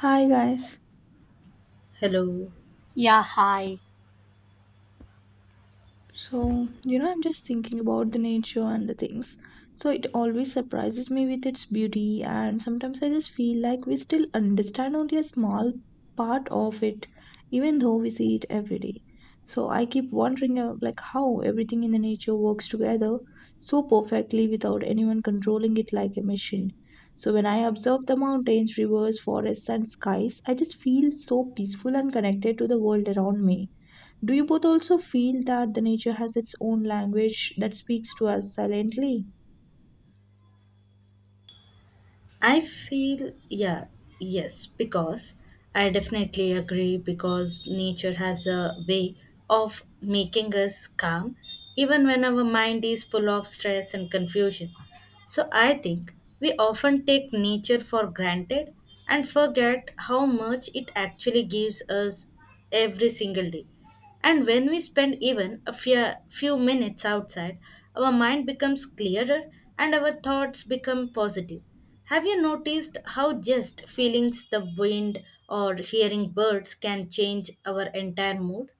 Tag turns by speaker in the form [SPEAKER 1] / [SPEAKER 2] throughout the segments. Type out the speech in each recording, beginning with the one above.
[SPEAKER 1] Hi guys.
[SPEAKER 2] Hello.
[SPEAKER 3] Yeah, hi.
[SPEAKER 1] So, you know, I'm just thinking about the nature and the things. So, it always surprises me with its beauty, and sometimes I just feel like we still understand only a small part of it, even though we see it every day. So, I keep wondering, like, how everything in the nature works together so perfectly without anyone controlling it like a machine. So, when I observe the mountains, rivers, forests, and skies, I just feel so peaceful and connected to the world around me. Do you both also feel that the nature has its own language that speaks to us silently?
[SPEAKER 2] I feel, yeah, yes, because I definitely agree because nature has a way of making us calm even when our mind is full of stress and confusion. So I think we often take nature for granted and forget how much it actually gives us every single day. And when we spend even a few minutes outside, our mind becomes clearer and our thoughts become positive. Have you noticed how just feelings the wind or hearing birds can change our entire mood?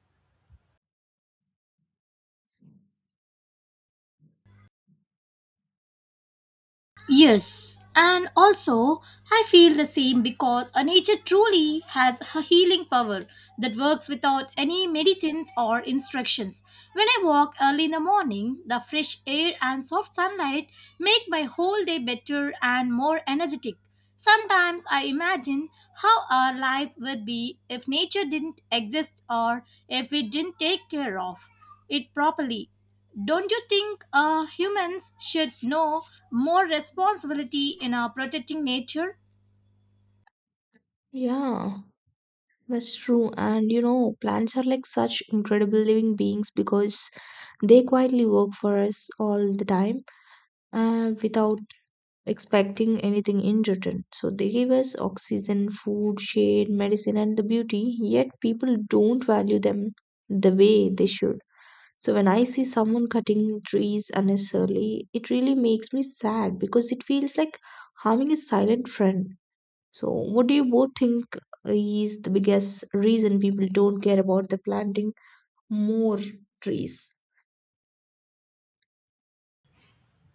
[SPEAKER 3] Yes, and also I feel the same because a nature truly has a healing power that works without any medicines or instructions. When I walk early in the morning, the fresh air and soft sunlight make my whole day better and more energetic. Sometimes I imagine how our life would be if nature didn't exist or if we didn't take care of it properly. Don't you think humans should know more responsibility in protecting nature?
[SPEAKER 1] Yeah, that's true. And you know, plants are like such incredible living beings because they quietly work for us all the time without expecting anything in return. So they give us oxygen, food, shade, medicine, and the beauty, yet people don't value them the way they should. So when I see someone cutting trees unnecessarily, it really makes me sad because it feels like harming a silent friend. So what do you both think is the biggest reason people don't care about the planting more trees?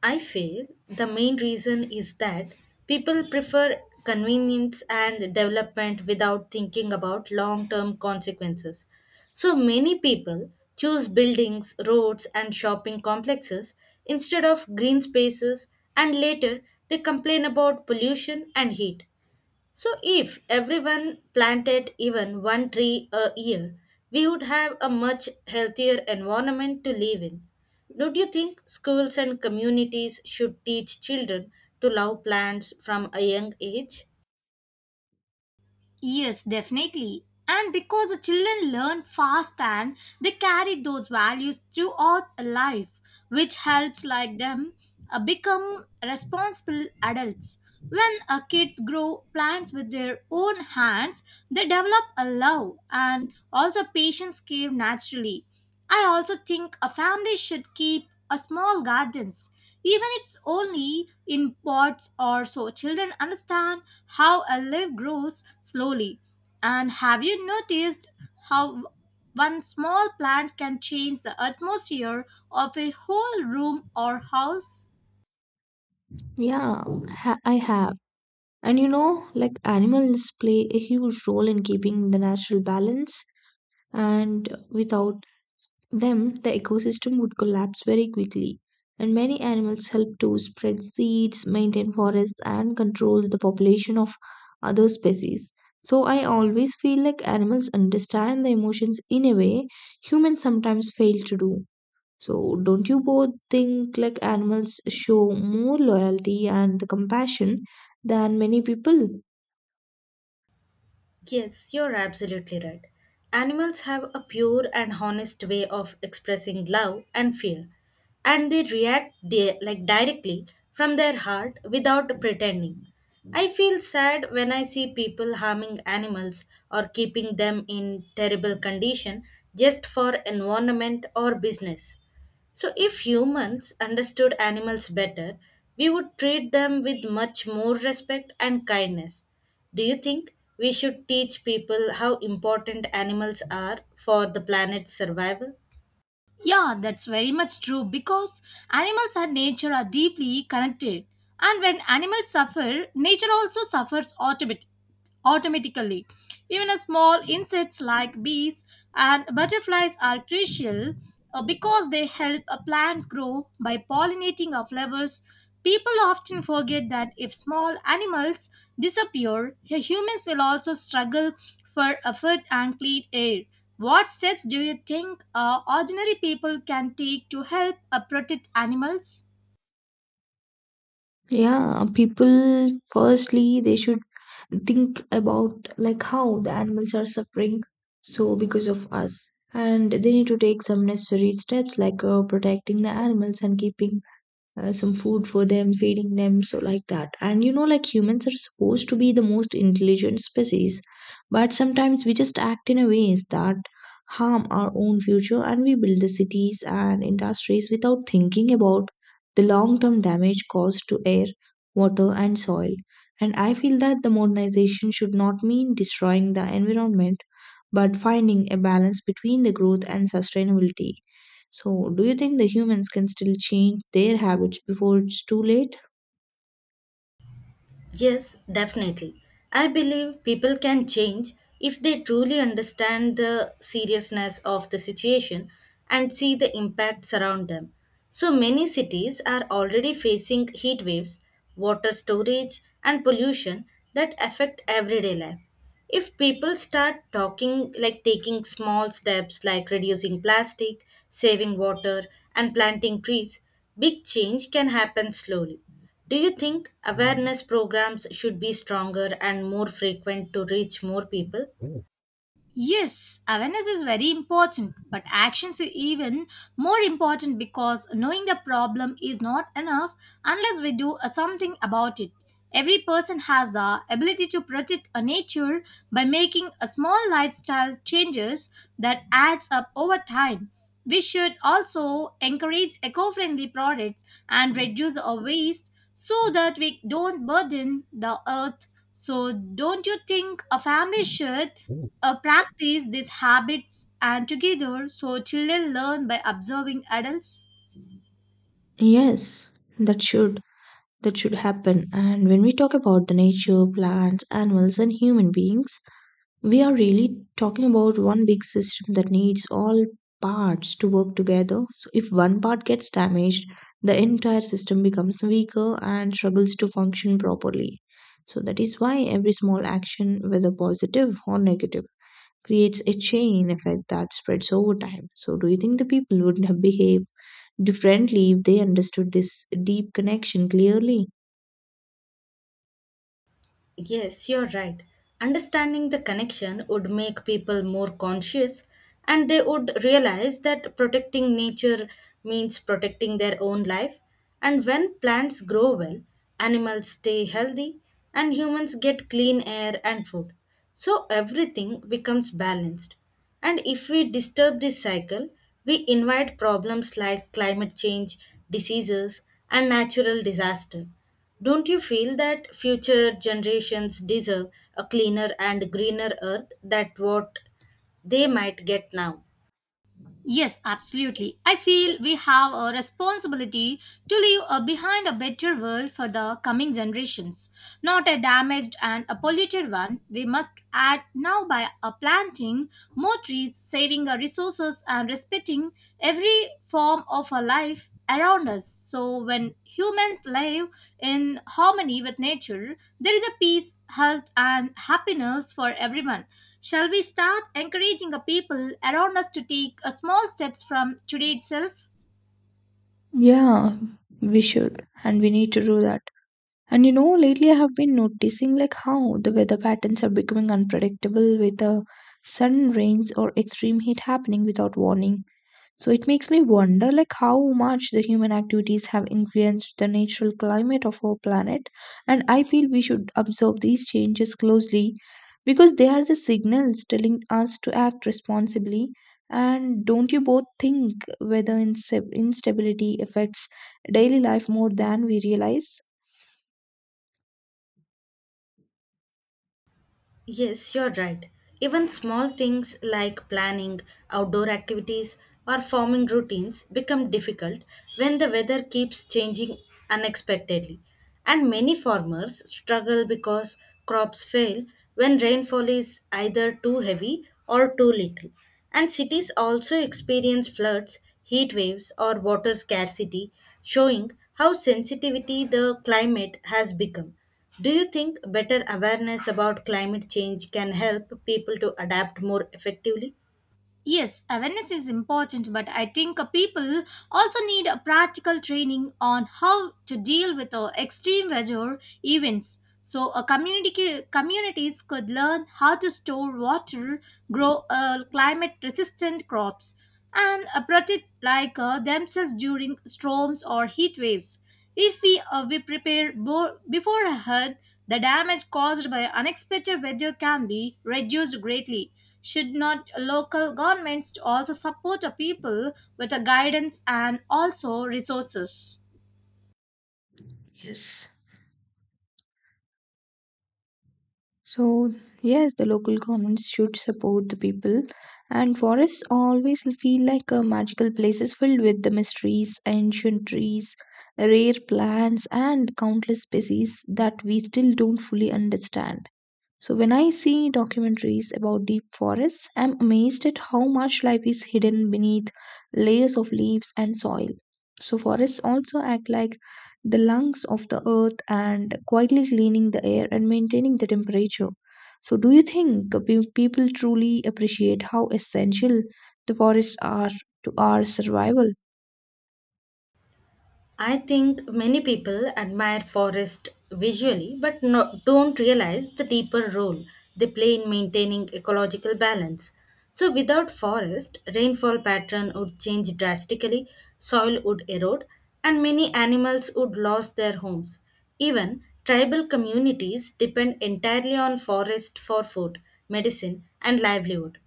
[SPEAKER 2] I feel the main reason is that people prefer convenience and development without thinking about long term consequences. So many people choose buildings, roads, and shopping complexes instead of green spaces, and later they complain about pollution and heat. So, if everyone planted even one tree a year, we would have a much healthier environment to live in. Don't you think schools and communities should teach children to love plants from a young age?
[SPEAKER 3] Yes, definitely. And because the children learn fast and they carry those values throughout life, which helps like them become responsible adults. When kids grow plants with their own hands, they develop a love and also patience care naturally. I also think a family should keep a small gardens, even if it's only in pots or so children understand how a leaf grows slowly. And have you noticed how one small plant can change the atmosphere of a whole room or house?
[SPEAKER 1] Yeah, I have. And you know, like animals play a huge role in keeping the natural balance, and without them, the ecosystem would collapse very quickly. And many animals help to spread seeds, maintain forests, and control the population of other species. So I always feel like animals understand the emotions in a way humans sometimes fail to do. So, don't you both think like animals show more loyalty and the compassion than many people?
[SPEAKER 2] Yes, you're absolutely right. Animals have a pure and honest way of expressing love and fear, and they react like directly from their heart without pretending. I feel sad when I see people harming animals or keeping them in terrible condition just for environment or business. So, if humans understood animals better, we would treat them with much more respect and kindness. Do you think we should teach people how important animals are for the planet's survival?
[SPEAKER 3] Yeah, that's very much true because animals and nature are deeply connected. And when animals suffer, nature also suffers automatically. Even a small insects like bees and butterflies are crucial because they help plants grow by pollinating our flowers. People often forget that if small animals disappear, humans will also struggle for a food and clean air. What steps do you think ordinary people can take to help protect animals?
[SPEAKER 1] Yeah, people firstly they should think about like how the animals are suffering so because of us and they need to take some necessary steps like protecting the animals and keeping some food for them, feeding them, so like that. And you know, like humans are supposed to be the most intelligent species, but sometimes we just act in a ways that harm our own future and we build the cities and industries without thinking about the long term damage caused to air, water, and soil. And I feel that the modernization should not mean destroying the environment but finding a balance between the growth and sustainability. So, do you think the humans can still change their habits before it's too late?
[SPEAKER 2] Yes, definitely. I believe people can change if they truly understand the seriousness of the situation and see the impacts around them. So many cities are already facing heat waves, water storage, and pollution that affect everyday life. If people start talking, like taking small steps like reducing plastic, saving water, and planting trees, big change can happen slowly. Do you think awareness programs should be stronger and more frequent to reach more people?
[SPEAKER 1] Oh,
[SPEAKER 3] Yes, awareness is very important, but actions are even more important because knowing the problem is not enough unless we do something about it. Every person has the ability to protect a nature by making a small lifestyle changes that adds up over time. We should also encourage eco-friendly products and reduce our waste so that we don't burden the earth. So don't you think a family should practice these habits and together so children learn by observing adults?
[SPEAKER 1] yes, that should that should happen. And when we talk about the nature, plants, animals and human beings, we are really talking about one big system that needs all parts to work together. So, if one part gets damaged, the entire system becomes weaker and struggles to function properly. So, that is why every small action, whether positive or negative, creates a chain effect that spreads over time. So, do you think the people would have behaved differently if they understood this deep connection clearly?
[SPEAKER 2] Yes, you're right. Understanding the connection would make people more conscious and they would realize that protecting nature means protecting their own life. And when plants grow well, animals stay healthy and humans get clean air and food. So everything becomes balanced. And if we disturb this cycle, we invite problems like climate change, diseases, and natural disaster. Don't you feel that future generations deserve a cleaner and greener earth than what they might get now?
[SPEAKER 3] Yes, absolutely. I feel we have a responsibility to leave behind a better world for the coming generations, not a damaged and a polluted one. We must act now by planting more trees, saving our resources, and respecting every form of our life around us. So, when humans live in harmony with nature, there is a peace, health, and happiness for everyone. Shall we start encouraging a people around us to take a small steps from today itself?
[SPEAKER 1] Yeah, we should, and we need to do that. And you know, lately I have been noticing like how the weather patterns are becoming unpredictable with the sudden rains or extreme heat happening without warning. So it makes me wonder like how much the human activities have influenced the natural climate of our planet. And I feel we should observe these changes closely because they are the signals telling us to act responsibly. And don't you both think whether instability affects daily life more than we realize?
[SPEAKER 2] Yes, you're right. Even small things like planning outdoor activities or forming routines become difficult when the weather keeps changing unexpectedly. And many farmers struggle because crops fail when rainfall is either too heavy or too little. And cities also experience floods, heat waves, or water scarcity, showing how sensitivity the climate has become. Do you think better awareness about climate change can help people to adapt more effectively?
[SPEAKER 3] Yes, awareness is important, but I think a people also need a practical training on how to deal with extreme weather events. So, a community communities could learn how to store water, grow climate-resistant crops, and protect like themselves during storms or heat waves. If we prepare beforehand, the damage caused by unexpected weather can be reduced greatly. Should not local governments also support the people with the guidance and also resources?
[SPEAKER 1] Yes. So, yes, the local governments should support the people, and forests always feel like a magical places filled with the mysteries, ancient trees, rare plants, and countless species that we still don't fully understand. So when I see documentaries about deep forests, I'm amazed at how much life is hidden beneath layers of leaves and soil. So forests also act like the lungs of the earth and quietly cleaning the air and maintaining the temperature. So do you think people truly appreciate how essential the forests are to our survival?
[SPEAKER 2] I think many people admire forests visually but no, don't realize the deeper role they play in maintaining ecological balance. So without forest, rainfall pattern would change drastically, soil would erode, and many animals would lose their homes. Even tribal communities depend entirely on forest for food, medicine, and livelihood.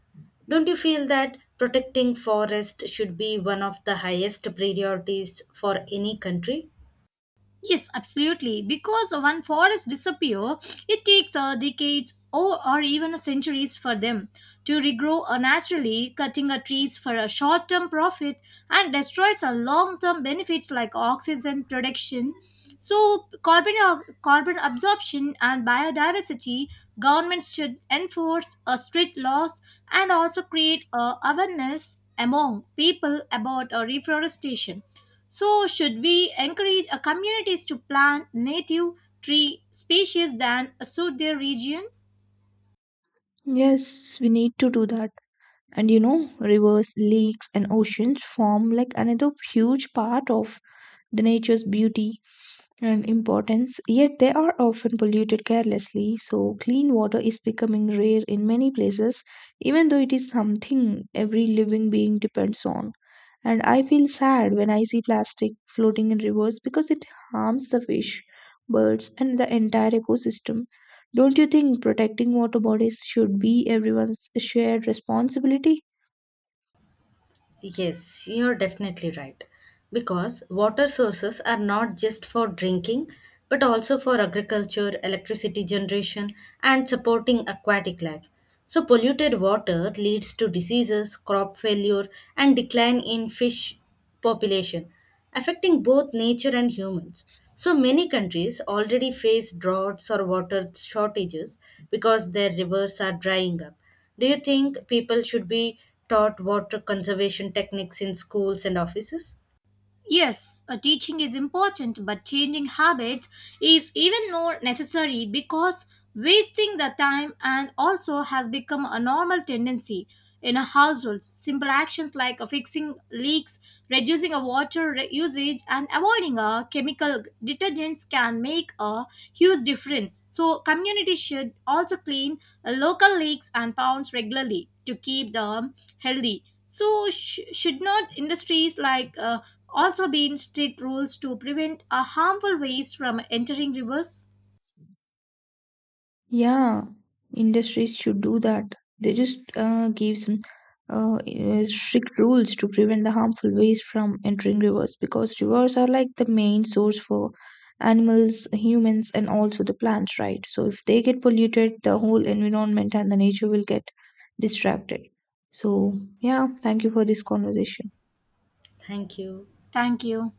[SPEAKER 2] Don't you feel that protecting forest should be one of the highest priorities for any country?
[SPEAKER 3] Yes, absolutely. Because when forests disappear, it takes decades or even centuries for them to regrow naturally, cutting trees for a short term profit and destroys long term benefits like oxygen production. So, carbon absorption and biodiversity, governments should enforce strict laws and also create awareness among people about reforestation. So, should we encourage communities to plant native tree species that suit their region?
[SPEAKER 1] Yes, we need to do that. And you know, rivers, lakes, and oceans form like another huge part of the nature's beauty and importance, yet they are often polluted carelessly. So, clean water is becoming rare in many places, even though it is something every living being depends on. And I feel sad when I see plastic floating in rivers because it harms the fish, birds, and the entire ecosystem. Don't you think protecting water bodies should be everyone's shared responsibility?
[SPEAKER 2] Yes, you're definitely right. Because water sources are not just for drinking, but also for agriculture, electricity generation, and supporting aquatic life. So, polluted water leads to diseases, crop failure, and decline in fish population, affecting both nature and humans. So many countries already face droughts or water shortages because their rivers are drying up. Do you think people should be taught water conservation techniques in schools and offices?
[SPEAKER 3] Yes, teaching is important, but changing habits is even more necessary because wasting the time and also has become a normal tendency in a household. Simple actions like fixing leaks, reducing a water usage, and avoiding a chemical detergents can make a huge difference. So community should also clean local leaks and ponds regularly to keep them healthy. So, should not industries like also be in strict rules to prevent harmful waste from entering rivers?
[SPEAKER 1] Yeah, industries should do that. They just give some strict rules to prevent the harmful waste from entering rivers because rivers are like the main source for animals, humans, and also the plants, right? So if they get polluted, the whole environment and the nature will get distracted. So, yeah, thank you for this conversation.
[SPEAKER 2] Thank you.
[SPEAKER 3] Thank you.